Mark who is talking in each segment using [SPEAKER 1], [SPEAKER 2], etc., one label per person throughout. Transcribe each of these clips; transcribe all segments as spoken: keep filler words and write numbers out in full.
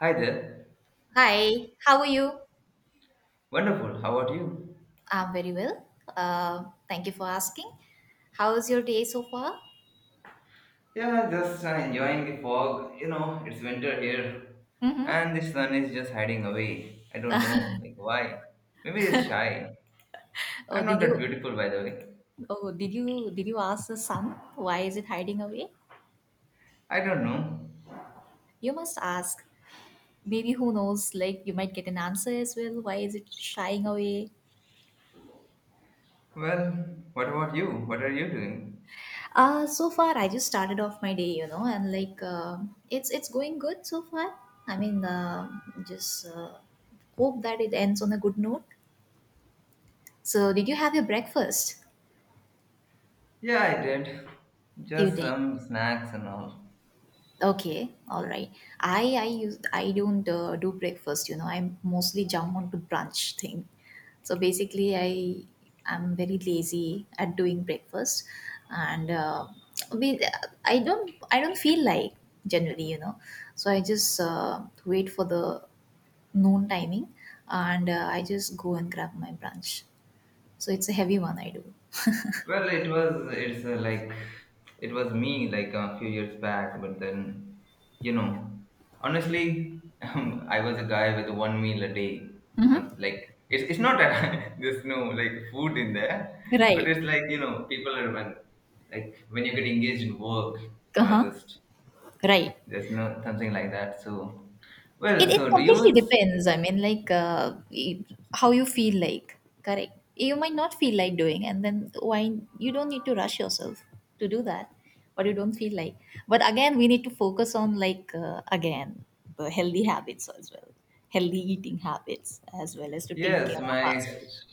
[SPEAKER 1] Hi there.
[SPEAKER 2] Hi, how are you?
[SPEAKER 1] Wonderful. How about you?
[SPEAKER 2] I'm very well. Uh, thank you for asking. How's your day so far?
[SPEAKER 1] Yeah, just uh, enjoying the fog. You know, it's winter here,
[SPEAKER 2] Mm-hmm.
[SPEAKER 1] and the sun is just hiding away. I don't know, like why. Maybe it's shy.
[SPEAKER 2] Oh,
[SPEAKER 1] I'm
[SPEAKER 2] did
[SPEAKER 1] not that
[SPEAKER 2] you?
[SPEAKER 1] beautiful, by the way.
[SPEAKER 2] Oh, did you? Did you ask the sun? Why is it hiding away?
[SPEAKER 1] I don't know.
[SPEAKER 2] You must ask. Maybe who knows? Like you might get an answer as well. Why is it shying away?
[SPEAKER 1] Well, what about you? What are you doing?
[SPEAKER 2] Uh, so far I just started off my day, you know, and like um it's it's going good so far. I mean, uh, just uh, hope that it ends on a good note. So, did you have your breakfast?
[SPEAKER 1] Yeah, I did.
[SPEAKER 2] You
[SPEAKER 1] Just
[SPEAKER 2] did.
[SPEAKER 1] some snacks and all.
[SPEAKER 2] Okay, all right. I I use I don't uh, do breakfast. You know, I mostly jump onto brunch thing. So basically, I am very lazy at doing breakfast, and uh, we, I don't I don't feel like generally, you know. So I just uh, wait for the noon timing, and uh, I just go and grab my brunch. So it's a heavy one I do.
[SPEAKER 1] Well, it was it's uh, like it was me like a few years back, but then you know, honestly, um, I was a guy with one meal a day. On
[SPEAKER 2] Mm-hmm.
[SPEAKER 1] like it's it's not that there's no like food in there, but
[SPEAKER 2] Right.
[SPEAKER 1] it's like you know people are when like when you get engaged in work,
[SPEAKER 2] Uh
[SPEAKER 1] you are
[SPEAKER 2] huh.
[SPEAKER 1] just
[SPEAKER 2] Right.
[SPEAKER 1] there's no something like that. So
[SPEAKER 2] It,
[SPEAKER 1] well,
[SPEAKER 2] it
[SPEAKER 1] so do you?
[SPEAKER 2] completely
[SPEAKER 1] s-
[SPEAKER 2] depends. I mean, like uh, it- how you feel like. Correct. You might not feel like doing, and then why you don't need to rush yourself to do that, but you don't feel like. But again, we need to focus on like uh, again the healthy habits as well, healthy eating habits as well as to take
[SPEAKER 1] Yes,
[SPEAKER 2] care of
[SPEAKER 1] my
[SPEAKER 2] ourselves.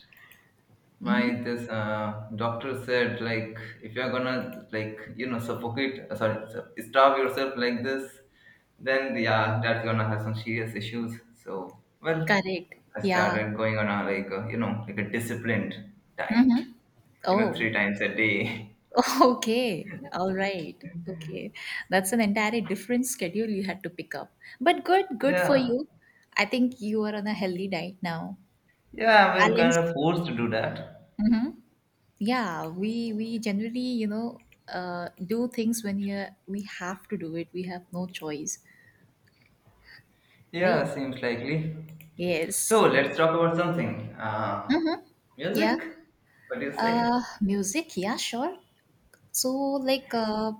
[SPEAKER 2] Mm-hmm.
[SPEAKER 1] My this uh, doctor said like if you're gonna like you know suffocate uh, sorry su- starve yourself like this, then yeah that's gonna have some serious issues. So well,
[SPEAKER 2] Correct.
[SPEAKER 1] I
[SPEAKER 2] Yeah.
[SPEAKER 1] started going on a like a, you know like a disciplined diet,
[SPEAKER 2] Mm-hmm.
[SPEAKER 1] you know
[SPEAKER 2] Oh.
[SPEAKER 1] three times a day.
[SPEAKER 2] Okay, all right. Okay, that's an entirely different schedule you had to pick up. But good, good for
[SPEAKER 1] Yeah,
[SPEAKER 2] you. I think you are on a healthy diet now.
[SPEAKER 1] yeah, we're kind of
[SPEAKER 2] Balanced.
[SPEAKER 1] forced to do that.
[SPEAKER 2] Mm-hmm. Yeah, we we generally, you know, uh, do things when you we have to do it. We have no choice, right?
[SPEAKER 1] Yeah, seems likely. So
[SPEAKER 2] Yes.
[SPEAKER 1] let's talk about something. Uh,
[SPEAKER 2] Yeah.
[SPEAKER 1] music. What do you
[SPEAKER 2] Uh,
[SPEAKER 1] say?
[SPEAKER 2] music. Yeah, sure. So, like, uh,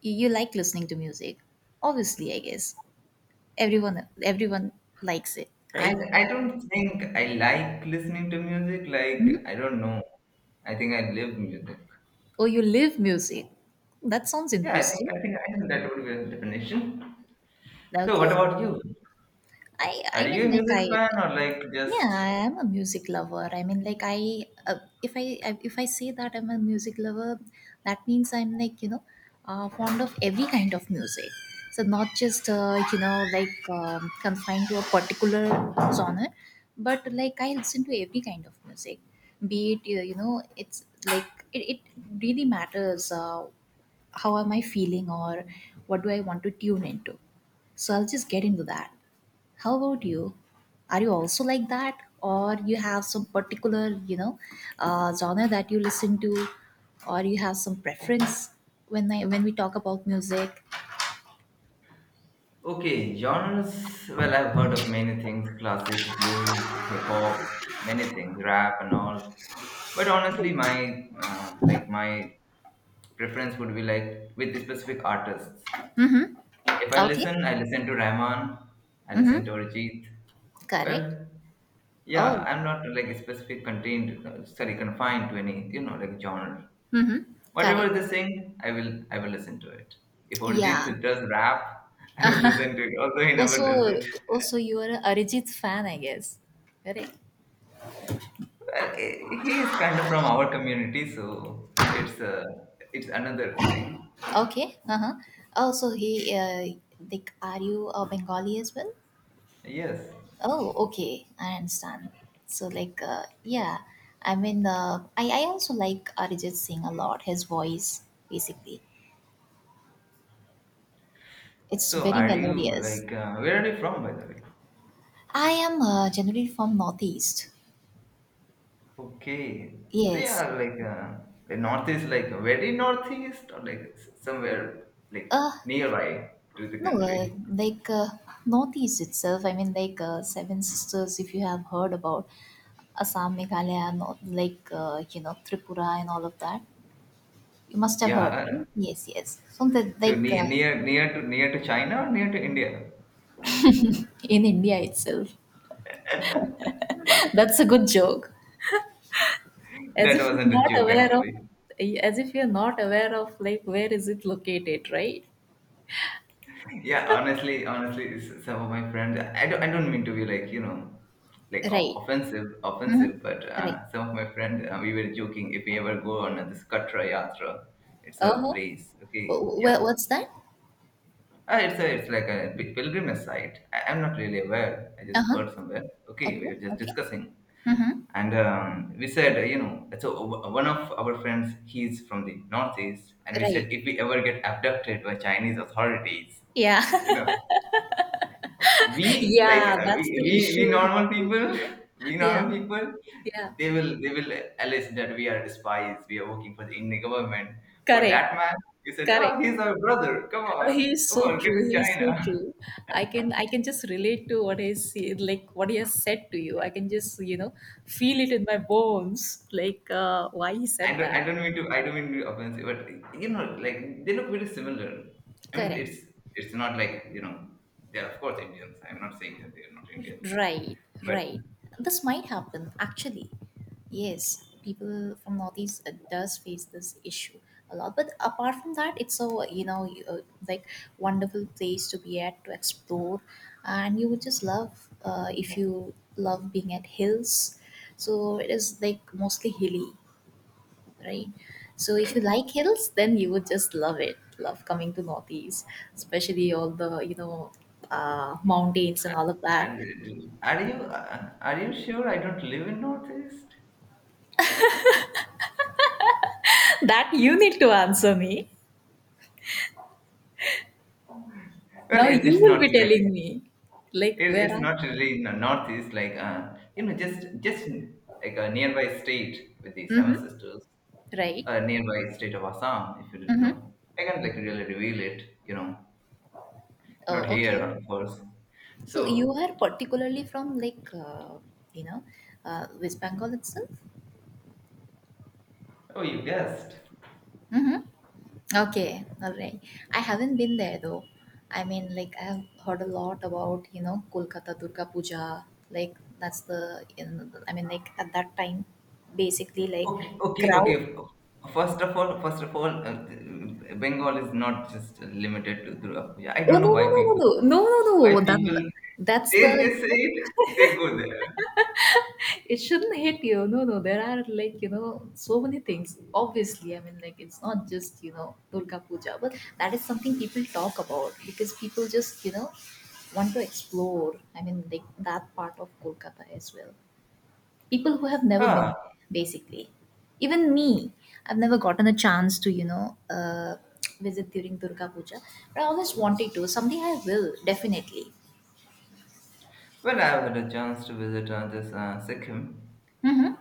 [SPEAKER 2] you, you like listening to music. Obviously, I guess everyone everyone likes it,
[SPEAKER 1] I
[SPEAKER 2] right?
[SPEAKER 1] I don't think I like listening to music. Like
[SPEAKER 2] Mhm.
[SPEAKER 1] I don't know. I think I live music.
[SPEAKER 2] Oh, you live music. That sounds
[SPEAKER 1] Yeah, I think
[SPEAKER 2] interesting.
[SPEAKER 1] I think I think that would be a definition. So what
[SPEAKER 2] Okay.
[SPEAKER 1] about you?
[SPEAKER 2] I
[SPEAKER 1] Are
[SPEAKER 2] I
[SPEAKER 1] you
[SPEAKER 2] mean
[SPEAKER 1] a
[SPEAKER 2] like I
[SPEAKER 1] music fan or like
[SPEAKER 2] yeah, I
[SPEAKER 1] just
[SPEAKER 2] am a music lover. I mean like I uh, if I if I say that I'm a music lover, that means I'm like, you know, uh, fond of every kind of music. So not just uh, you know like um, confined to a particular genre, but like I listen to every kind of music. Be it uh, you know, it's like it, it really matters. Uh, how am I feeling or what do I want to tune into. So I'll just get into that. How about you? Are you also like that, or you have some particular, you know, uh, genre that you listen to, or you have some preference when I when we talk about music?
[SPEAKER 1] okay genres? Well, I've heard of many things: classic, blues, hip hop, many things, rap and all. But honestly, my uh, like my preference would be like with specific artists.
[SPEAKER 2] Mm-hmm.
[SPEAKER 1] If I
[SPEAKER 2] Okay.
[SPEAKER 1] listen, I listen to Rahman. I listen
[SPEAKER 2] Mm-hmm.
[SPEAKER 1] to Arjit.
[SPEAKER 2] Correct.
[SPEAKER 1] Well, yeah,
[SPEAKER 2] Oh.
[SPEAKER 1] I'm not like specific contained, uh, sorry, confined to any, you know, like genre.
[SPEAKER 2] Mm-hmm.
[SPEAKER 1] Whatever
[SPEAKER 2] Correct.
[SPEAKER 1] they sing, I will, I will listen to it. If
[SPEAKER 2] Yeah.
[SPEAKER 1] Arijit does rap, I will listen to it. Although he never does
[SPEAKER 2] also,
[SPEAKER 1] it.
[SPEAKER 2] also you are a Arijit fan, I guess. Correct.
[SPEAKER 1] Well, eh, he is kind of from our community, so it's uh, it's another thing.
[SPEAKER 2] Okay. Uh-huh. Oh, so he, uh, like, are you a Bengali as well?
[SPEAKER 1] Yes.
[SPEAKER 2] Oh, okay. I understand. So, like, uh, yeah. I mean, uh, I, I also like Arijit Singh a lot. His voice, basically, it's
[SPEAKER 1] So,
[SPEAKER 2] very
[SPEAKER 1] are you
[SPEAKER 2] melodious.
[SPEAKER 1] like, uh, where are you from, by the way?
[SPEAKER 2] I am uh, generally from Northeast.
[SPEAKER 1] Okay. So
[SPEAKER 2] Yes.
[SPEAKER 1] yeah, like uh, the northeast, like very northeast, or like s- somewhere like
[SPEAKER 2] Uh,
[SPEAKER 1] nearby to the
[SPEAKER 2] no, uh,
[SPEAKER 1] country.
[SPEAKER 2] like, uh, Northeast itself. I mean, like, uh, Seven Sisters, if you have heard about Assam, Meghalaya, North, like, uh, you know, Tripura and all of that. You must have
[SPEAKER 1] Yeah,
[SPEAKER 2] heard,
[SPEAKER 1] uh,
[SPEAKER 2] right? Yes, yes. So that
[SPEAKER 1] so
[SPEAKER 2] like
[SPEAKER 1] near
[SPEAKER 2] uh,
[SPEAKER 1] near near to near to China or near to India?
[SPEAKER 2] in India itself, that's a good joke. As
[SPEAKER 1] That
[SPEAKER 2] if you're
[SPEAKER 1] wasn't a
[SPEAKER 2] not
[SPEAKER 1] joke,
[SPEAKER 2] aware of,
[SPEAKER 1] actually.
[SPEAKER 2] as if you're not aware of like where is it located, right?
[SPEAKER 1] Yeah, honestly, honestly, s- some of my friends. I don't I don't mean to be like you know, like o-
[SPEAKER 2] Right.
[SPEAKER 1] offensive,
[SPEAKER 2] Mm-hmm.
[SPEAKER 1] offensive. But
[SPEAKER 2] Right.
[SPEAKER 1] uh, some of my friends, uh, we were joking if we ever go on this Katra Yatra, it's
[SPEAKER 2] Uh
[SPEAKER 1] a
[SPEAKER 2] huh.
[SPEAKER 1] place. Okay,
[SPEAKER 2] Where?
[SPEAKER 1] yeah,
[SPEAKER 2] What's that?
[SPEAKER 1] uh, it's a it's like a pi- pilgrimage site. I, I'm not really aware. I
[SPEAKER 2] Uh
[SPEAKER 1] just
[SPEAKER 2] huh.
[SPEAKER 1] heard somewhere. Okay, we
[SPEAKER 2] Okay.
[SPEAKER 1] were just
[SPEAKER 2] Okay.
[SPEAKER 1] discussing.
[SPEAKER 2] Mm-hmm.
[SPEAKER 1] And um, we said you know so o- one of our friends he's from the northeast, and we said
[SPEAKER 2] Right.
[SPEAKER 1] if we ever get abducted by chinese authorities,
[SPEAKER 2] Yeah.
[SPEAKER 1] you know, we like
[SPEAKER 2] yeah.
[SPEAKER 1] uh, we,
[SPEAKER 2] That's
[SPEAKER 1] we
[SPEAKER 2] the
[SPEAKER 1] we
[SPEAKER 2] issue in
[SPEAKER 1] normal
[SPEAKER 2] office.
[SPEAKER 1] people
[SPEAKER 2] You know?
[SPEAKER 1] we
[SPEAKER 2] Yeah.
[SPEAKER 1] normal people,
[SPEAKER 2] Yeah.
[SPEAKER 1] they will they will allege that we are spies, we are working for the indian government, for
[SPEAKER 2] Correct.
[SPEAKER 1] that man. You said, oh,
[SPEAKER 2] Correct.
[SPEAKER 1] he's our brother, come on,
[SPEAKER 2] Uh, He is
[SPEAKER 1] come
[SPEAKER 2] so
[SPEAKER 1] on, get
[SPEAKER 2] true.
[SPEAKER 1] to
[SPEAKER 2] He is so
[SPEAKER 1] china.
[SPEAKER 2] true. I can I can just relate to what is like what he has said to you. I can just you know feel it in my bones. Like uh, why he
[SPEAKER 1] I
[SPEAKER 2] said
[SPEAKER 1] don't, I
[SPEAKER 2] that.
[SPEAKER 1] don't mean to, I don't mean to be offensive, but you know, like they look very similar. I mean,
[SPEAKER 2] Correct.
[SPEAKER 1] it's it's not like you know they're of course Indians. I'm not saying that they're not Indians,
[SPEAKER 2] Right,
[SPEAKER 1] but
[SPEAKER 2] right. This might happen actually. Yes, people from Northeast uh, does face this issue a lot. But apart from that, it's a you know you- uh, like wonderful place to be at to explore, and you would just love uh, if you love being at hills. So it is like mostly hilly, right? So if you like hills, then you would just love it. Love coming to Northeast, especially all the you know uh, mountains and all of that.
[SPEAKER 1] and are you uh, are you sure I don't live in Northeast?
[SPEAKER 2] That you need to answer me.
[SPEAKER 1] Well,
[SPEAKER 2] Now
[SPEAKER 1] it, it's
[SPEAKER 2] you will
[SPEAKER 1] not
[SPEAKER 2] be
[SPEAKER 1] like
[SPEAKER 2] telling me, like
[SPEAKER 1] it,
[SPEAKER 2] where
[SPEAKER 1] it's
[SPEAKER 2] are?
[SPEAKER 1] not really in the Northeast. Like uh, you know, just just like a nearby state with the Seven
[SPEAKER 2] Mm-hmm.
[SPEAKER 1] Sisters,
[SPEAKER 2] Right?
[SPEAKER 1] a nearby state of Assam, if you didn't
[SPEAKER 2] Mm-hmm.
[SPEAKER 1] know. I can't like really reveal it, you know. Not
[SPEAKER 2] Oh,
[SPEAKER 1] here,
[SPEAKER 2] okay.
[SPEAKER 1] of course.
[SPEAKER 2] So you
[SPEAKER 1] So,
[SPEAKER 2] are particularly from like uh, you know uh, West Bengal itself.
[SPEAKER 1] oh, you guessed.
[SPEAKER 2] Mm-hmm. Okay, all right. I haven't been there though. I mean, like I've heard a lot about you know Kolkata Durga Puja. Like that's the in, I mean, like at that time, basically like
[SPEAKER 1] Okay, okay, okay.
[SPEAKER 2] crowd.
[SPEAKER 1] First of all, first of all, uh, Bengal is not just limited to Durgapuja. I
[SPEAKER 2] Oh
[SPEAKER 1] don't
[SPEAKER 2] no
[SPEAKER 1] know why
[SPEAKER 2] no no
[SPEAKER 1] people,
[SPEAKER 2] no no
[SPEAKER 1] why
[SPEAKER 2] no no no. That,
[SPEAKER 1] people,
[SPEAKER 2] that's
[SPEAKER 1] they
[SPEAKER 2] the
[SPEAKER 1] they
[SPEAKER 2] you
[SPEAKER 1] say
[SPEAKER 2] know.
[SPEAKER 1] it, they go there.
[SPEAKER 2] It shouldn't hit you. No no there are like you know so many things, obviously. I mean like it's not just you know Durga Puja, but that is something people talk about because people just you know want to explore. I mean like that part of Kolkata as well, people who have never been
[SPEAKER 1] Ah,
[SPEAKER 2] there, basically. Even me, I've never gotten a chance to you know uh, visit during Durga Puja, but I always wanted to. Someday I will definitely.
[SPEAKER 1] well, I have had a chance to visit uh, this uh, Sikkim.
[SPEAKER 2] Mm-hmm.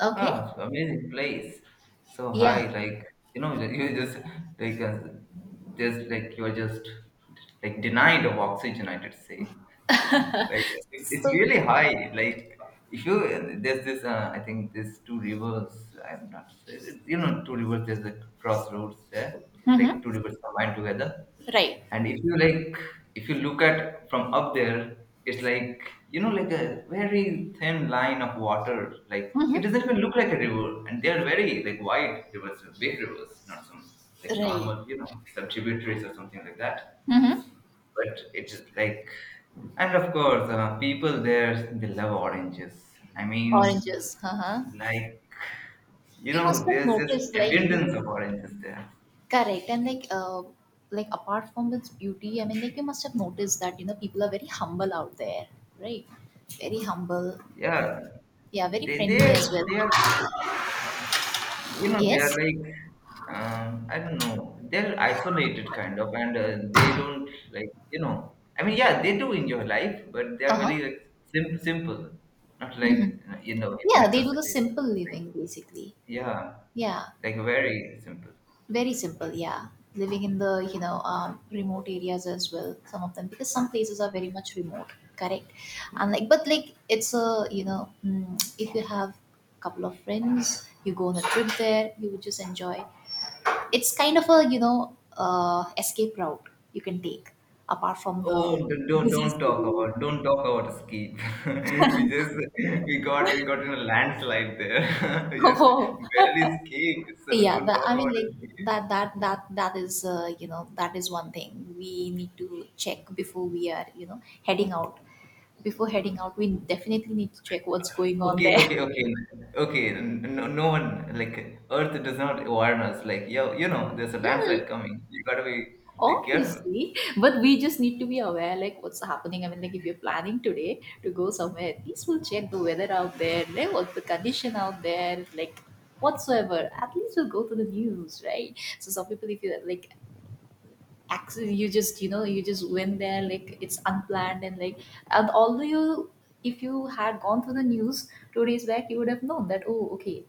[SPEAKER 2] Okay.
[SPEAKER 1] Ah, it's amazing place. So
[SPEAKER 2] Yeah.
[SPEAKER 1] high, like you know, you just like uh, just like you're just like denied of oxygen, I'd say. Like it's, it's
[SPEAKER 2] So.
[SPEAKER 1] really high, like if you there's this uh, I think there's two rivers, I'm not sure, you know two rivers, there's a crossroads there, like two
[SPEAKER 2] Mm-hmm.
[SPEAKER 1] rivers combined together.
[SPEAKER 2] Right.
[SPEAKER 1] And if you like if you look at from up there, it's like you know like a very thin line of water, like it doesn't even look like a river. And they're very like wide rivers, big rivers, not some like
[SPEAKER 2] Right.
[SPEAKER 1] normal, you know some tributaries or something like that.
[SPEAKER 2] Mm-hmm.
[SPEAKER 1] But it's like, and of course uh, people there, they love oranges. I mean,
[SPEAKER 2] Oranges. Uh-huh.
[SPEAKER 1] like you
[SPEAKER 2] You
[SPEAKER 1] know
[SPEAKER 2] must have
[SPEAKER 1] there's just
[SPEAKER 2] noticed, like people
[SPEAKER 1] abundance of oranges there.
[SPEAKER 2] correct and like uh like apart from its beauty, I mean like you must have noticed that, you know, people are very humble out there, right? Very humble.
[SPEAKER 1] Yeah,
[SPEAKER 2] Yeah, very
[SPEAKER 1] they
[SPEAKER 2] friendly
[SPEAKER 1] they
[SPEAKER 2] as well.
[SPEAKER 1] they are, you know they are
[SPEAKER 2] Yes?
[SPEAKER 1] like, um, I don't know, they're isolated kind of. And uh, they don't like, you know I mean, yeah, they do enjoy life, but they are
[SPEAKER 2] Uh-huh.
[SPEAKER 1] very like sim- simple, not
[SPEAKER 2] Mm-hmm.
[SPEAKER 1] like you know in
[SPEAKER 2] Yeah,
[SPEAKER 1] metro
[SPEAKER 2] they do the
[SPEAKER 1] cities.
[SPEAKER 2] simple living basically.
[SPEAKER 1] Yeah,
[SPEAKER 2] Yeah.
[SPEAKER 1] like very simple.
[SPEAKER 2] Very simple, yeah. Living in the you know um, remote areas as well, some of them, because some places are very much remote, correct? And like, but like it's a you know mm, if you have a couple of friends, you go on a trip there, you would just enjoy. It's kind of a you know uh, escape route you can take apart from
[SPEAKER 1] Oh,
[SPEAKER 2] the
[SPEAKER 1] d- don't
[SPEAKER 2] busy
[SPEAKER 1] don't talk
[SPEAKER 2] schedule.
[SPEAKER 1] about don't talk about ski. We just we got we got in a landslide there. We just
[SPEAKER 2] Oh,
[SPEAKER 1] barely escaped. So
[SPEAKER 2] yeah,
[SPEAKER 1] don't
[SPEAKER 2] that,
[SPEAKER 1] talk
[SPEAKER 2] I mean
[SPEAKER 1] about
[SPEAKER 2] like
[SPEAKER 1] ski.
[SPEAKER 2] that that that that is uh, you know, that is one thing we need to check before we are you know heading out. Before heading out, we definitely need to check what's going on
[SPEAKER 1] Okay,
[SPEAKER 2] there.
[SPEAKER 1] okay, okay, okay. n- No, no one like Earth does not warn us. Like yo, you know, there's a landslide coming. You gotta be like, careful.
[SPEAKER 2] Obviously, but we just need to be aware like what's happening. I mean like if you're planning today to go somewhere, at least we'll check the weather out there, like what's the condition out there, like whatsoever. At least we'll go to the news, right? So some people, if you like, actually you just you know you just went there like it's unplanned, and like, and although you, if you had gone through the news two days back, you would have known that, oh okay,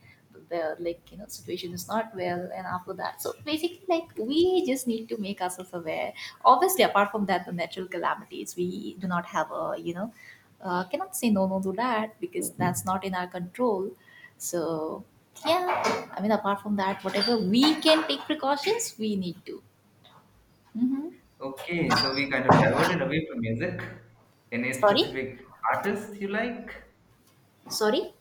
[SPEAKER 2] the like you know situation is not well, and after that. So basically, like we just need to make ourselves aware, obviously. Apart from that, the natural calamities, we do not have a you know uh, cannot say no no to that, because that's not in our control. So yeah, I mean apart from that, whatever we can take precautions we need to. Mhm.
[SPEAKER 1] Okay, so we kind of diverted away from music. Any
[SPEAKER 2] Sorry?
[SPEAKER 1] specific artists you like?
[SPEAKER 2] Sorry?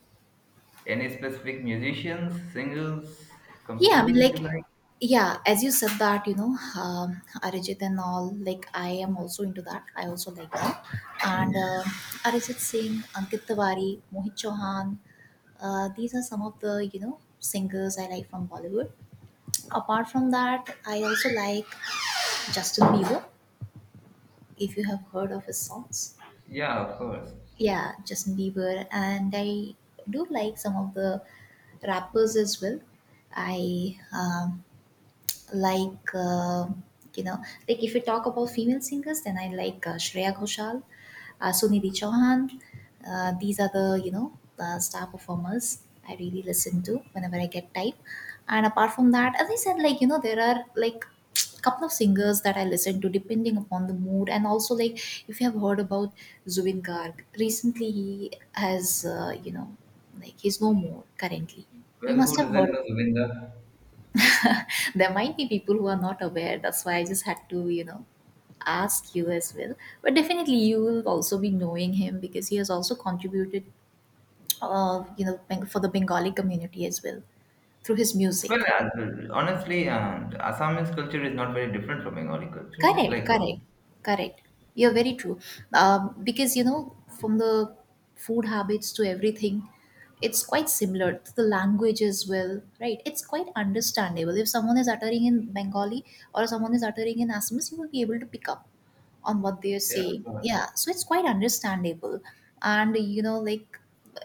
[SPEAKER 1] Any specific musicians, singers,
[SPEAKER 2] Yeah, I mean,
[SPEAKER 1] composers you
[SPEAKER 2] like,
[SPEAKER 1] like?
[SPEAKER 2] yeah, as you said that, you know, um, Arijit and all, like, I am also into that. I also like that. And uh, Arijit Singh, Ankit Tiwari, Mohit Chauhan, uh, these are some of the, you know, singers I like from Bollywood. Apart from that, I also like Justin Bieber, if you have heard of his songs.
[SPEAKER 1] Yeah, of course.
[SPEAKER 2] Yeah, Justin Bieber. And I do like some of the rappers as well. I um, like uh, you know like if we talk about female singers, then I like uh, Shreya Ghoshal, uh, Sunidhi Chauhan. Uh, these are the you know uh, star performers I really listen to whenever I get time. And apart from that, as I said, like, you know there are like, couple of singers that I listen to depending upon the mood. And also, like, if you have heard about Zubin Garg recently, he has uh, you know like, he's no more currently. You
[SPEAKER 1] Well, who
[SPEAKER 2] must have
[SPEAKER 1] doesn't
[SPEAKER 2] heard.
[SPEAKER 1] know Govinda?
[SPEAKER 2] There might be people who are not aware, that's why I just had to you know ask you as well. But definitely you will also be knowing him because he has also contributed, uh, you know Beng- for the Bengali community as well, through his
[SPEAKER 1] Well,
[SPEAKER 2] music.
[SPEAKER 1] uh, honestly, uh, Assamese culture is not very different from Bengali culture. It's
[SPEAKER 2] Correct,
[SPEAKER 1] like, uh,
[SPEAKER 2] correct, correct. You're very true. Um, because you know from the food habits to everything, it's quite similar to the language as well, right? It's quite understandable. If someone is uttering in Bengali, or someone is uttering in Assamese, you will be able to pick up on what they're
[SPEAKER 1] yeah,
[SPEAKER 2] saying. Yeah, so it's quite understandable. And you know like,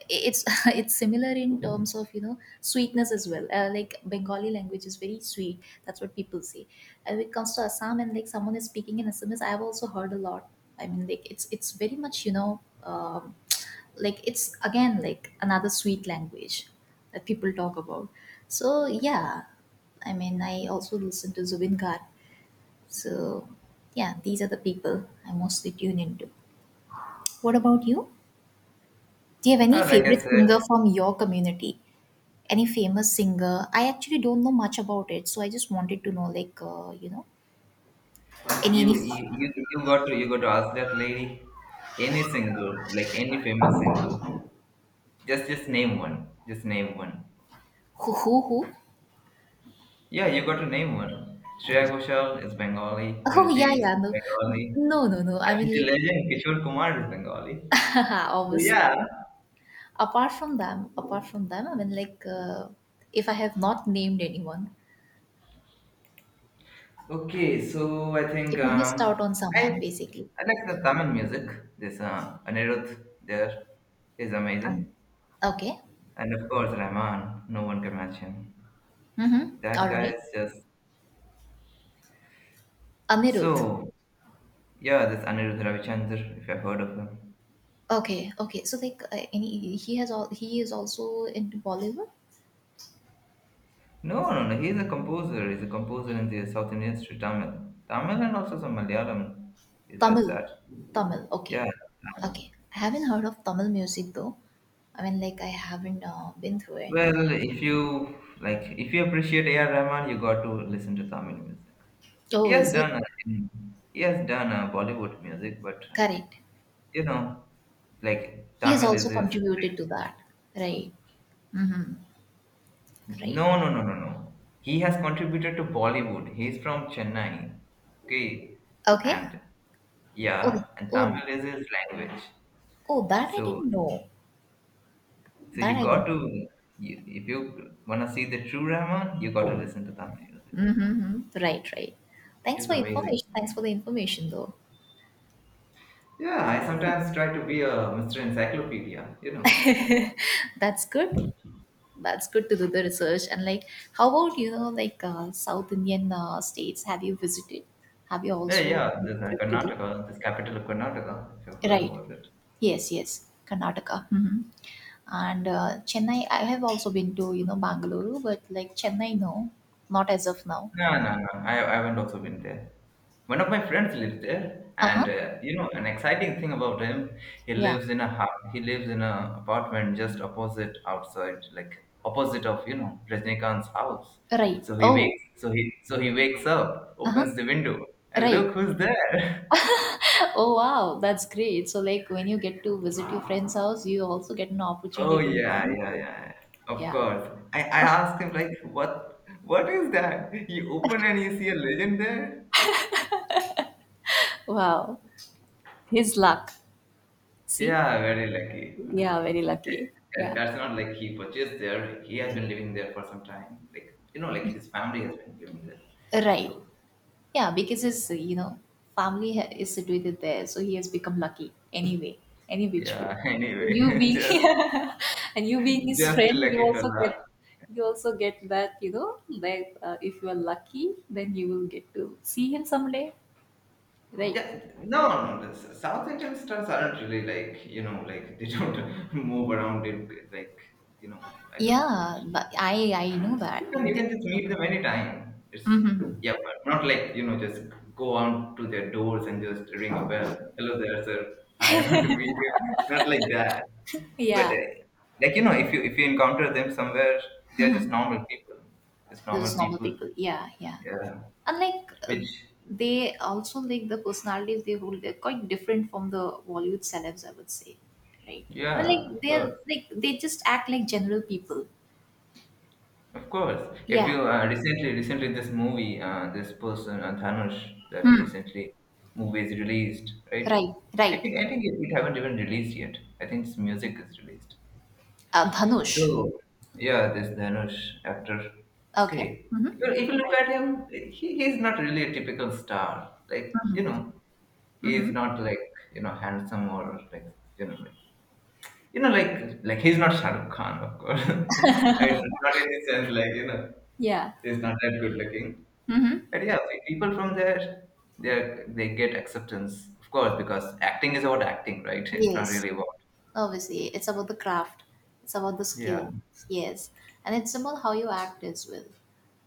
[SPEAKER 2] it's it's similar in terms of, you know sweetness as well. Uh, like, Bengali language is very sweet, that's what people say. And when it comes to Assam, and like someone is speaking in Assamese, I've also heard a lot. I mean, like, it's it's very much, you know um, like, it's again like another sweet language that people talk about. So yeah, I mean, I also listen to Zubin Garg, so, yeah, these are the people I mostly tune into. What about you? Do you have any
[SPEAKER 1] uh, like I
[SPEAKER 2] favorite
[SPEAKER 1] said,
[SPEAKER 2] singer from your community? Any famous singer? I actually don't know much about it, so I just wanted to know, like, uh, you know, any
[SPEAKER 1] you,
[SPEAKER 2] any
[SPEAKER 1] you you you got to you got to ask that lady any singer, like any famous singer, just just name one, just name one.
[SPEAKER 2] who who who?
[SPEAKER 1] Yeah, you got to name one. Shreya Ghoshal is Bengali,
[SPEAKER 2] Oh yeah, yeah.
[SPEAKER 1] Arijit
[SPEAKER 2] No,
[SPEAKER 1] Bengali.
[SPEAKER 2] no, no, no.
[SPEAKER 1] I
[SPEAKER 2] I
[SPEAKER 1] mean,
[SPEAKER 2] mean,
[SPEAKER 1] the
[SPEAKER 2] like,
[SPEAKER 1] legend Kishore Kumar is Bengali. So
[SPEAKER 2] obviously.
[SPEAKER 1] yeah.
[SPEAKER 2] Apart from them, apart from them, I mean, like, uh, if I have not named anyone,
[SPEAKER 1] Okay, so I think
[SPEAKER 2] if I missed
[SPEAKER 1] um,
[SPEAKER 2] out on
[SPEAKER 1] I
[SPEAKER 2] someone, basically.
[SPEAKER 1] I like the Tamil music. This uh, Anirudh there is amazing.
[SPEAKER 2] Um, okay.
[SPEAKER 1] And of course, Rahman. No one can match him.
[SPEAKER 2] Mm-hmm.
[SPEAKER 1] That
[SPEAKER 2] All
[SPEAKER 1] guy
[SPEAKER 2] right.
[SPEAKER 1] is just.
[SPEAKER 2] Anirudh.
[SPEAKER 1] So, yeah, this Anirudh Ravichandra, if you've heard of him.
[SPEAKER 2] Okay, okay. So like, uh, any he has all he is also into Bollywood.
[SPEAKER 1] No, no, no. He's a composer. He's a composer in the South Indian street, Tamil. Tamil and also some Malayalam. He's just
[SPEAKER 2] Tamil,
[SPEAKER 1] that.
[SPEAKER 2] Tamil.
[SPEAKER 1] Yeah.
[SPEAKER 2] Okay,
[SPEAKER 1] Tamil.
[SPEAKER 2] okay. I haven't heard of Tamil music though. I mean, like, I haven't uh, been through it.
[SPEAKER 1] Well, if you like, if you appreciate A R. Rahman, you got to listen to Tamil music. He
[SPEAKER 2] Oh,
[SPEAKER 1] has
[SPEAKER 2] is it
[SPEAKER 1] done, uh, he has done uh, Bollywood music, but uh,
[SPEAKER 2] correct?
[SPEAKER 1] you know, like
[SPEAKER 2] He has
[SPEAKER 1] Tamil
[SPEAKER 2] also
[SPEAKER 1] is his.
[SPEAKER 2] contributed to that, right? Mm-hmm. Right.
[SPEAKER 1] No, no, no, no, no. He has contributed to Bollywood. He is from Chennai, okay,
[SPEAKER 2] Okay.
[SPEAKER 1] and
[SPEAKER 2] Oh,
[SPEAKER 1] yeah, and
[SPEAKER 2] oh,
[SPEAKER 1] Tamil is his language.
[SPEAKER 2] oh. That I
[SPEAKER 1] So,
[SPEAKER 2] didn't know.
[SPEAKER 1] so
[SPEAKER 2] That
[SPEAKER 1] you
[SPEAKER 2] I
[SPEAKER 1] got
[SPEAKER 2] didn't.
[SPEAKER 1] to, you, if you wanna see the true Rahman, you got to listen to Tamil music.
[SPEAKER 2] Mm-hmm. Right, right. Thanks
[SPEAKER 1] It's
[SPEAKER 2] for
[SPEAKER 1] amazing.
[SPEAKER 2] information. Thanks for the information though.
[SPEAKER 1] Yeah, I sometimes try to be a mister Encyclopedia, you know.
[SPEAKER 2] That's good. That's good to do the research. And like, how about, you know, like, uh, South Indian uh, states? Have you visited? Have you
[SPEAKER 1] Yeah,
[SPEAKER 2] also
[SPEAKER 1] yeah, the,
[SPEAKER 2] made a
[SPEAKER 1] the
[SPEAKER 2] trip to do?
[SPEAKER 1] Karnataka, this capital of Karnataka, if you've heard
[SPEAKER 2] Right.
[SPEAKER 1] about it.
[SPEAKER 2] Yes. Yes. Karnataka. hmm And uh, Chennai, I have also been to, you know, Bangalore, but like Chennai, no, not as of now.
[SPEAKER 1] No, no, no, I, I haven't also been there. One of my friends lives there,
[SPEAKER 2] Uh
[SPEAKER 1] and
[SPEAKER 2] huh.
[SPEAKER 1] uh, you know, an exciting thing about him, he
[SPEAKER 2] Yeah.
[SPEAKER 1] lives in a hou- he lives in a apartment just opposite outside, like opposite of you know Rajnikant's house.
[SPEAKER 2] Right.
[SPEAKER 1] So he
[SPEAKER 2] Oh.
[SPEAKER 1] wakes, so he so he wakes up,
[SPEAKER 2] Uh huh.
[SPEAKER 1] opens the window, and
[SPEAKER 2] Right.
[SPEAKER 1] look who's there.
[SPEAKER 2] Oh wow, that's great. So like when you get to visit your friend's house, you also get an
[SPEAKER 1] Oh
[SPEAKER 2] opportunity to
[SPEAKER 1] yeah,
[SPEAKER 2] meet.
[SPEAKER 1] yeah, yeah. Yeah. Of
[SPEAKER 2] Yeah.
[SPEAKER 1] course. I, I asked him like what what is that? You open and you see a legend there?
[SPEAKER 2] Wow. His luck. See?
[SPEAKER 1] Yeah, very lucky.
[SPEAKER 2] Yeah, very lucky.
[SPEAKER 1] That,
[SPEAKER 2] Yeah.
[SPEAKER 1] that's not like he purchased there. He has been living there for some time. Like you know, like his family has been living there.
[SPEAKER 2] Right.
[SPEAKER 1] So
[SPEAKER 2] Yeah, because his, uh, you know, family ha- is situated there, so he has become lucky anyway, any which way.
[SPEAKER 1] yeah,
[SPEAKER 2] You
[SPEAKER 1] anyway,
[SPEAKER 2] being
[SPEAKER 1] just
[SPEAKER 2] and you being his
[SPEAKER 1] just a
[SPEAKER 2] friend, you
[SPEAKER 1] lucky
[SPEAKER 2] also
[SPEAKER 1] fella.
[SPEAKER 2] get, you also get that, you know, that uh, if you are lucky, then you will get to see him someday, right?
[SPEAKER 1] Yeah, no, no, no. The S- South Indian stars aren't really like, you know, like they don't move around in like, you know, I don't know what.
[SPEAKER 2] Yeah, but I I know
[SPEAKER 1] You
[SPEAKER 2] that.
[SPEAKER 1] can you can
[SPEAKER 2] The-
[SPEAKER 1] just meet them anytime. It's
[SPEAKER 2] Mhm.
[SPEAKER 1] yeah, but not like you know just go on to their doors and just ring a bell. Hello there, sir. Hi, I want to meet you. Not like that. But
[SPEAKER 2] Yeah.
[SPEAKER 1] uh, like you know, if you if you encounter them somewhere, they're just
[SPEAKER 2] Mhm.
[SPEAKER 1] normal people. Just normal
[SPEAKER 2] Those normal
[SPEAKER 1] people.
[SPEAKER 2] people. Yeah, yeah.
[SPEAKER 1] Yeah.
[SPEAKER 2] And like, uh,
[SPEAKER 1] Which
[SPEAKER 2] they also, like, the personalities they hold, they're quite different from the Bollywood celebs, I would say, right? I mean,
[SPEAKER 1] yeah,
[SPEAKER 2] like,
[SPEAKER 1] of course.
[SPEAKER 2] they're like they just act like general people.
[SPEAKER 1] Of course, if
[SPEAKER 2] Yeah.
[SPEAKER 1] you uh, recently, recently this movie, uh, this person uh, Dhanush, that
[SPEAKER 2] Hmm.
[SPEAKER 1] recently movie is released, right?
[SPEAKER 2] Right,
[SPEAKER 1] I
[SPEAKER 2] right.
[SPEAKER 1] think I think it, it haven't even released yet. I think its music is released.
[SPEAKER 2] uh, Dhanush.
[SPEAKER 1] So yeah, this Dhanush actor.
[SPEAKER 2] Okay.
[SPEAKER 1] Okay, if
[SPEAKER 2] Mm-hmm.
[SPEAKER 1] you, if you look
[SPEAKER 2] Right.
[SPEAKER 1] at him, he he's not really a typical star. Like you know, he is
[SPEAKER 2] Mm-hmm.
[SPEAKER 1] not like you know handsome or like you know like you know, like like he's not Shah Rukh Khan, of course. I mean, not in the sense like you know,
[SPEAKER 2] Yeah.
[SPEAKER 1] he's not that good looking.
[SPEAKER 2] Mm-hmm.
[SPEAKER 1] But yeah, pe- people from there, they they get acceptance, of course, because acting is about acting, right? It's not
[SPEAKER 2] Yes,
[SPEAKER 1] really about
[SPEAKER 2] obviously it's about the craft, it's about the
[SPEAKER 1] yeah.
[SPEAKER 2] skill. Yes, and it's about how you act as well.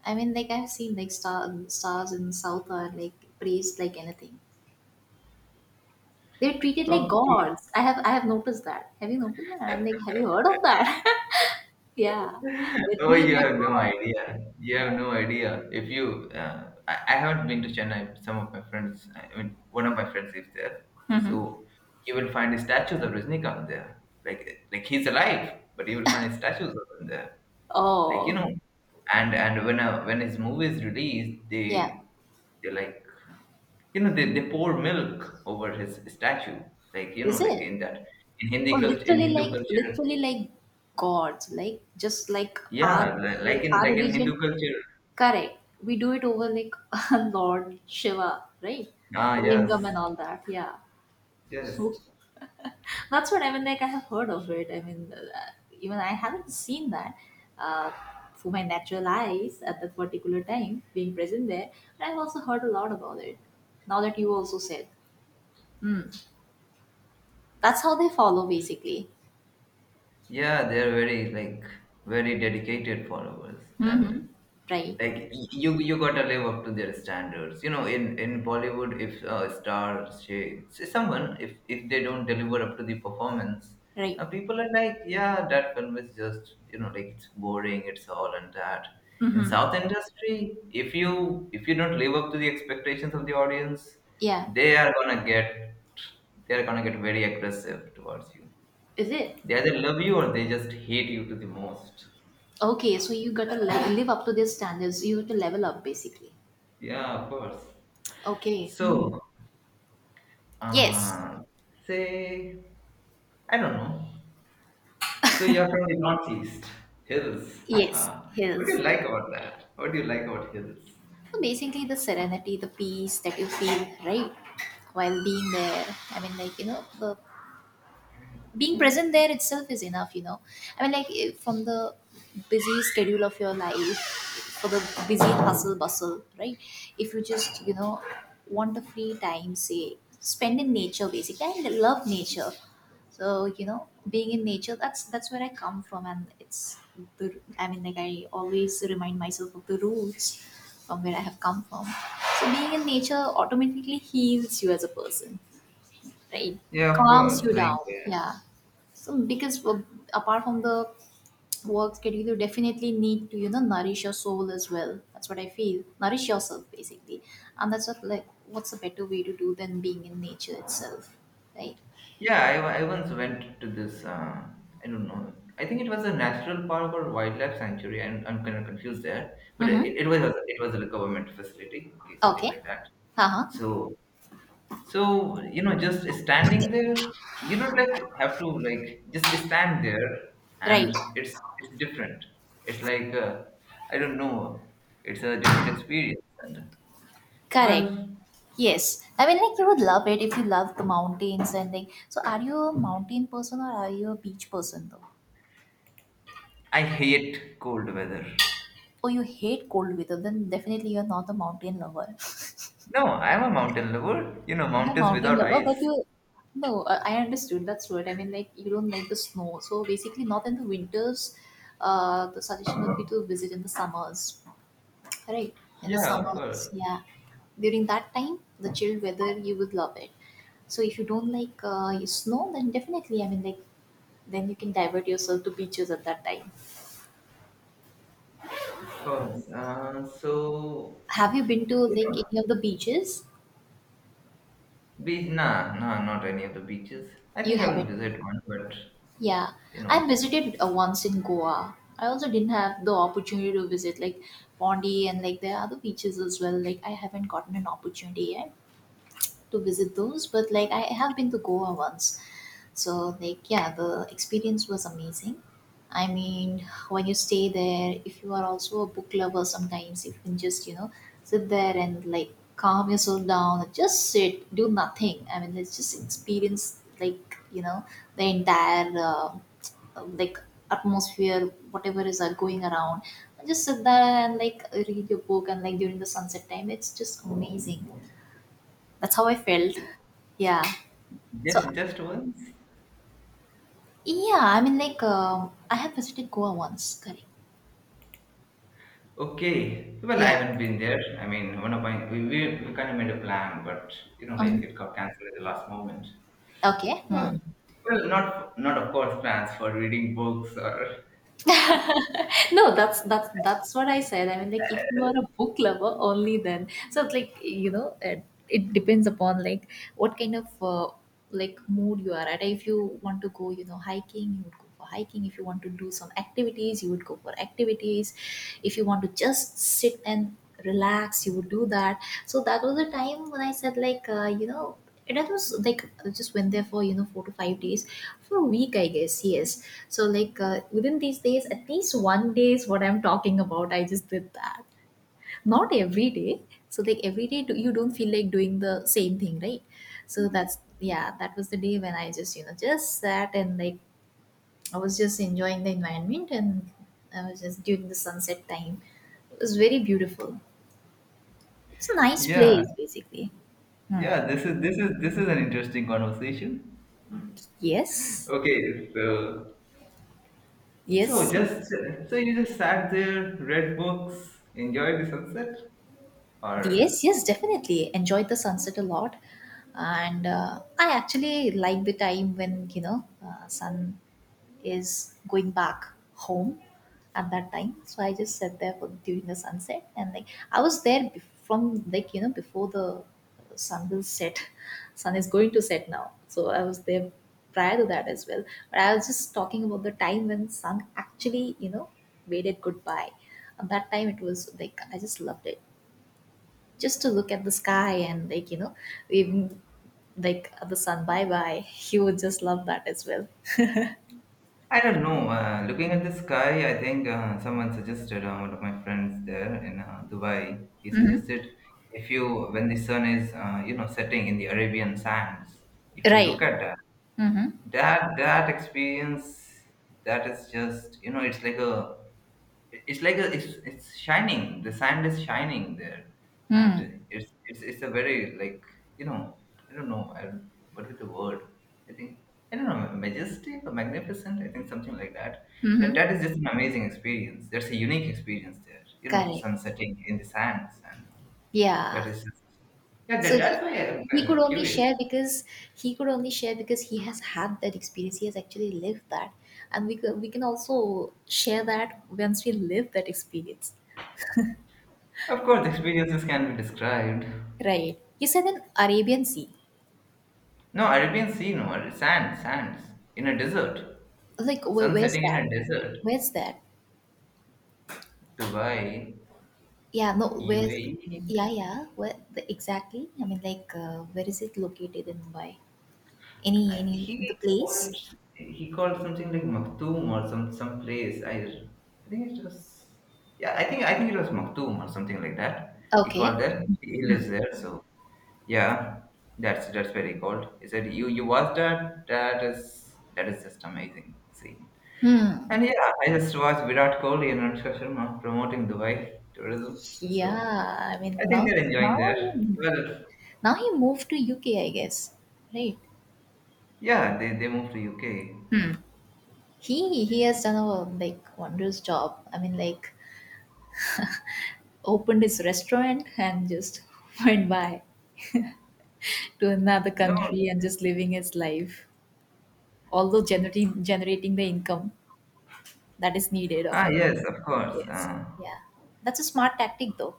[SPEAKER 2] I mean, like, I've seen, like, star stars in South are, like, praised like anything. They're treated like
[SPEAKER 1] Okay.
[SPEAKER 2] gods. I have I have noticed that. Have you noticed that? I'm, like, have you heard of that? Yeah, they're
[SPEAKER 1] Oh,
[SPEAKER 2] treated
[SPEAKER 1] you
[SPEAKER 2] like
[SPEAKER 1] have no
[SPEAKER 2] god.
[SPEAKER 1] idea. You have
[SPEAKER 2] Yeah.
[SPEAKER 1] no idea. If you, uh, I, I haven't been to Chennai. Some of my friends, I mean, one of my friends lives there.
[SPEAKER 2] hmm
[SPEAKER 1] So you will find statues of Rajnikant there. Like, like he's alive, but you will find statues of him there. Like, you
[SPEAKER 2] Oh,
[SPEAKER 1] know, and and when a, when his movie is released,
[SPEAKER 2] yeah.
[SPEAKER 1] they they like, you know, they, they pour milk over his statue. Like, you know,
[SPEAKER 2] Is
[SPEAKER 1] like
[SPEAKER 2] it?
[SPEAKER 1] in that in
[SPEAKER 2] Oh,
[SPEAKER 1] Hindi culture, in
[SPEAKER 2] literally,
[SPEAKER 1] Hindu
[SPEAKER 2] like,
[SPEAKER 1] culture.
[SPEAKER 2] literally, like, gods. Like, just like our,
[SPEAKER 1] Yeah, li- like
[SPEAKER 2] like
[SPEAKER 1] in
[SPEAKER 2] our
[SPEAKER 1] like in
[SPEAKER 2] religion.
[SPEAKER 1] Hindu culture,
[SPEAKER 2] Correct. We do it over, like, Lord Shiva, right?
[SPEAKER 1] ah,
[SPEAKER 2] Lingam
[SPEAKER 1] yes,
[SPEAKER 2] and all that. Yeah.
[SPEAKER 1] yes.
[SPEAKER 2] That's what I mean. Like, I have heard of it. I mean, uh, even I haven't seen that uh, for my natural eyes at that particular time being present there. But I've also heard a lot about it. Now that you also said, hmm, that's how they follow, basically.
[SPEAKER 1] Yeah, they're very like very dedicated followers, and
[SPEAKER 2] Mm-hmm. Right.
[SPEAKER 1] like y- you you gotta live up to their standards. You know, in in Bollywood, if a star say, say someone if if they don't deliver up to the performance,
[SPEAKER 2] Right.
[SPEAKER 1] uh, people are like, yeah, that film is just you know like it's boring, it's all and that. In South industry, if you if you don't live up to the expectations of the audience,
[SPEAKER 2] Yeah.
[SPEAKER 1] they are gonna get they are gonna get very aggressive towards you.
[SPEAKER 2] Is it?
[SPEAKER 1] They either love you or they just hate you to the most.
[SPEAKER 2] Okay. So you got to le- live up to their standards. You have to level up, basically.
[SPEAKER 1] Yeah, of course.
[SPEAKER 2] Okay. Mm.
[SPEAKER 1] So,
[SPEAKER 2] Yes.
[SPEAKER 1] uh, say, I don't know. So you're from the northeast, hills.
[SPEAKER 2] Yes.
[SPEAKER 1] Uh, what do you
[SPEAKER 2] Yes.
[SPEAKER 1] like about that? What do you like about hills?
[SPEAKER 2] So basically, the serenity, the peace that you feel, right, while being there. I mean, like, you know, the being present there itself is enough, you know I mean, like, eh, from the busy schedule of your life, for the busy hustle bustle, right? If you just you know want a free time, say, spend in nature. Basically, I love nature. So, you know being in nature, that's that's where I come from. And it's the I mean, like, I always remind myself of the roots from where I have come from. So being in nature automatically heals you as a person, right?
[SPEAKER 1] Yeah, of
[SPEAKER 2] Calms
[SPEAKER 1] course.
[SPEAKER 2] you
[SPEAKER 1] Like,
[SPEAKER 2] down.
[SPEAKER 1] uh,
[SPEAKER 2] Yeah. So because, uh, apart from the work schedule, you definitely need to, you know nourish your soul as well. That's what I feel. Nourish yourself, basically. And that's what, like, what's a better way to do than being in nature itself, right?
[SPEAKER 1] yeah, I, I once went to this, uh, I don't know, I think it was a national park or wildlife sanctuary. I'm, I'm kind of confused there, but it,
[SPEAKER 2] Mm-hmm.
[SPEAKER 1] it was it was like a government facility, okay, something
[SPEAKER 2] Okay.
[SPEAKER 1] like that.
[SPEAKER 2] Uh-huh.
[SPEAKER 1] So So, you know, just standing there, you don't like have to like just stand there
[SPEAKER 2] Right.
[SPEAKER 1] and it's it's different. It's like uh, I don't know, it's a different experience. And
[SPEAKER 2] Correct.
[SPEAKER 1] well,
[SPEAKER 2] Yes, I mean, like, you would love it if you love the mountains. And, like, so are you a mountain person or are you a beach person, though?
[SPEAKER 1] I hate cold weather.
[SPEAKER 2] Or you hate cold weather? Then definitely you're not a mountain lover.
[SPEAKER 1] No, I'm a mountain lover. You know,
[SPEAKER 2] You're a
[SPEAKER 1] mountains
[SPEAKER 2] mountain
[SPEAKER 1] without
[SPEAKER 2] lover, but
[SPEAKER 1] ice.
[SPEAKER 2] you, no, uh, I understood. That's right. I mean, like, you don't like the snow, so basically, not in the winters. Uh, the suggestion would be to visit in the summers, right? In the
[SPEAKER 1] Yeah, of
[SPEAKER 2] summers,
[SPEAKER 1] course,
[SPEAKER 2] yeah. During that time, the chilled weather, you would love it. So if you don't like uh, snow, then definitely, I mean, like, then you can divert yourself to beaches at that time.
[SPEAKER 1] of course. Uh, so
[SPEAKER 2] Have you been to
[SPEAKER 1] you know,
[SPEAKER 2] like any of the beaches?
[SPEAKER 1] Beach? Nah, nah, not any of the beaches. I
[SPEAKER 2] You
[SPEAKER 1] think I will
[SPEAKER 2] haven't.
[SPEAKER 1] visit one, but
[SPEAKER 2] Yeah,
[SPEAKER 1] you know,
[SPEAKER 2] I visited uh, once in Goa. I also didn't have the opportunity to visit, like, Pondi, and like there are other beaches as well. Like, I haven't gotten an opportunity yet to visit those, but like, I have been to Goa once. So like, yeah, the experience was amazing. I mean, when you stay there, if you are also a book lover, sometimes you can just, you know sit there and, like, calm yourself down and just sit, do nothing. I mean, let's just experience, like, you know the entire. Uh, uh, like, atmosphere, whatever is uh, going around, just sit there and, like, read your book, and, like, during the sunset time, it's just amazing. That's how I felt. Yeah. So
[SPEAKER 1] just just once.
[SPEAKER 2] yeah, I mean, like, um I have visited Goa once, correct.
[SPEAKER 1] Okay. Well, I
[SPEAKER 2] Yeah.
[SPEAKER 1] haven't been there. I mean, one of my we, we, we kind of made a plan, but you know, like
[SPEAKER 2] um,
[SPEAKER 1] it got cancelled at the last moment.
[SPEAKER 2] okay.
[SPEAKER 1] Oh,
[SPEAKER 2] Hmm.
[SPEAKER 1] well, not not of course plans for reading books or
[SPEAKER 2] No, that's that's that's what I said. I mean, like, if you are a book lover, only then. So it's like, you know, it, it depends upon, like, what kind of uh, like, mood you are at. If you want to go, you know, hiking, you would go for hiking. If you want to do some activities, you would go for activities. If you want to just sit and relax, you would do that. So that was a time when I said, like, uh, you know and that was like, I just went there for, you know four to five days, for a week, I guess. Yes. So like, uh, within these days, at least one day is what I'm talking about. I just did that. Not every day. So like every day, do- you don't feel like doing the same thing, right? So that's, yeah. That was the day when I just, you know just sat, and like, I was just enjoying the environment, and I was just during the sunset time. It was very beautiful. It's a nice
[SPEAKER 1] yeah,
[SPEAKER 2] place, basically. Hmm.
[SPEAKER 1] yeah. This is this is this is an interesting conversation.
[SPEAKER 2] Yes.
[SPEAKER 1] Okay, so so
[SPEAKER 2] Yes.
[SPEAKER 1] just so you just sat there, read books, enjoyed the sunset, or
[SPEAKER 2] Yes, yes, definitely. Enjoyed the sunset a lot. And uh, I actually like the time when, you know, uh, sun is going back home, at that time. So I just sat there for during the sunset, and like, I was there bef- from, like, you know, before the sun will set. Sun is going to set now. So I was there prior to that as well. But I was just talking about the time when sun actually, you know, waved it goodbye. At that time it was, like, I just loved it. Just to look at the sky, and like, you know even like the sun, bye bye, he would just love that as well.
[SPEAKER 1] I don't know. Uh, looking at the sky, I think uh, someone suggested, uh, one of my friends there in uh, Dubai, he suggested if you, when the sun is, uh, you know, setting in the Arabian sands, if you look
[SPEAKER 2] Right.
[SPEAKER 1] at that,
[SPEAKER 2] Mm-hmm.
[SPEAKER 1] that, that experience, that is just, you know, it's like a it's like a, it's it's shining. The sand is shining there, and it's it's it's a very like you know I don't know I, don't- what with the word I think I don't know majestic or magnificent I think something like that. That
[SPEAKER 2] Mm-hmm.
[SPEAKER 1] that is just an amazing experience. That's a unique experience there. You know,
[SPEAKER 2] Correct.
[SPEAKER 1] sun setting in the sands, and that
[SPEAKER 2] Yeah.
[SPEAKER 1] is just yeah. That,
[SPEAKER 2] So he,
[SPEAKER 1] that's why I'm
[SPEAKER 2] he
[SPEAKER 1] uh,
[SPEAKER 2] could only
[SPEAKER 1] curious.
[SPEAKER 2] share because, he could only share because he has had that experience. He has actually lived that, and we, could, we can also share that once we live that experience.
[SPEAKER 1] Of course, experiences can be described.
[SPEAKER 2] Right. You said an Arabian sea?
[SPEAKER 1] No, Arabian Sea, no, sand, sands in a desert.
[SPEAKER 2] Like, where,
[SPEAKER 1] Sun
[SPEAKER 2] where's
[SPEAKER 1] setting in
[SPEAKER 2] that?
[SPEAKER 1] a desert.
[SPEAKER 2] where's that
[SPEAKER 1] Dubai,
[SPEAKER 2] Yeah, no, where?
[SPEAKER 1] U A E.
[SPEAKER 2] Yeah, yeah. Where the, exactly? I mean, like, uh, where is it located in Mumbai? Any, any,
[SPEAKER 1] He
[SPEAKER 2] the
[SPEAKER 1] called
[SPEAKER 2] place?
[SPEAKER 1] he called something like Maktoum or some some place. I I think it was yeah. I think I think it was Maktoum or something like that. He
[SPEAKER 2] Okay.
[SPEAKER 1] called there. He lives there. So yeah, that's that's where he called. He said you you watched that. That is that is just amazing scene.
[SPEAKER 2] Hmm.
[SPEAKER 1] And yeah, I just watched Virat Kohli and Anushka Sharma promoting Dubai tourism. So
[SPEAKER 2] Yeah. I mean,
[SPEAKER 1] I think
[SPEAKER 2] now,
[SPEAKER 1] they're enjoying
[SPEAKER 2] now,
[SPEAKER 1] there. Well,
[SPEAKER 2] now he moved to U K, I guess. Right.
[SPEAKER 1] yeah, they they moved to U K.
[SPEAKER 2] Hmm. He he has done a like wondrous job. I mean, like, opened his restaurant, and just went by to another
[SPEAKER 1] No.
[SPEAKER 2] country, and just living his life, although generating generating the income that is needed of
[SPEAKER 1] Ah,
[SPEAKER 2] him.
[SPEAKER 1] yes, of course.
[SPEAKER 2] Yes.
[SPEAKER 1] Uh,
[SPEAKER 2] Yeah. That's a smart tactic though.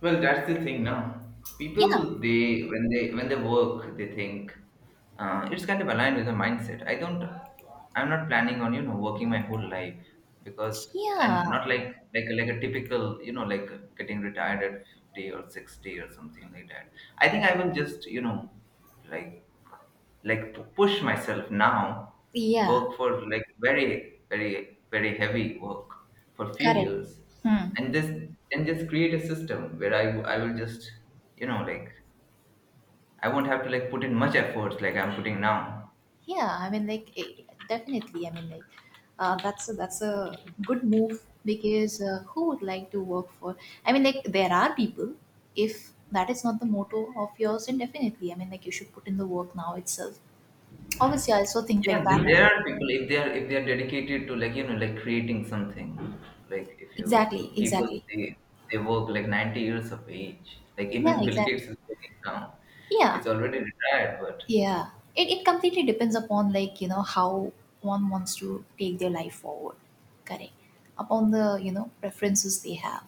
[SPEAKER 1] Well, that's the thing now.
[SPEAKER 2] Yeah.
[SPEAKER 1] People, they when they when they work, they think uh, it's kind of aligned with the mindset. I don't, I'm not planning on you know working my whole life because
[SPEAKER 2] Yeah.
[SPEAKER 1] and not like like like a typical you know like getting retired at fifty or sixty or something like that. I think I will just you know like like p- push myself now,
[SPEAKER 2] Yeah.
[SPEAKER 1] work for like very very very heavy work for few
[SPEAKER 2] Correct.
[SPEAKER 1] years
[SPEAKER 2] Hmm.
[SPEAKER 1] and just then just create a system where I, w- I will just you know like I won't have to like put in much efforts like I'm putting now.
[SPEAKER 2] Yeah, I mean, like, eh, definitely. I mean, like, uh, that's a, that's a good move, because uh, who would like to work for? I mean, like, there are people, if that is not the motto of yours, then definitely. I mean, like, you should put in the work now itself. Obviously, I also think like
[SPEAKER 1] Yeah,
[SPEAKER 2] that.
[SPEAKER 1] there there are people if they are if they are dedicated to like you know like creating something like if you
[SPEAKER 2] Exactly,
[SPEAKER 1] people
[SPEAKER 2] exactly.
[SPEAKER 1] they they work like ninety years of age like
[SPEAKER 2] Yeah,
[SPEAKER 1] even Bill Gates
[SPEAKER 2] exactly.
[SPEAKER 1] is working now.
[SPEAKER 2] Yeah,
[SPEAKER 1] He's already retired, but
[SPEAKER 2] yeah, it, it completely depends upon, like, you know how one wants to take their life forward, correct, upon the, you know preferences they have.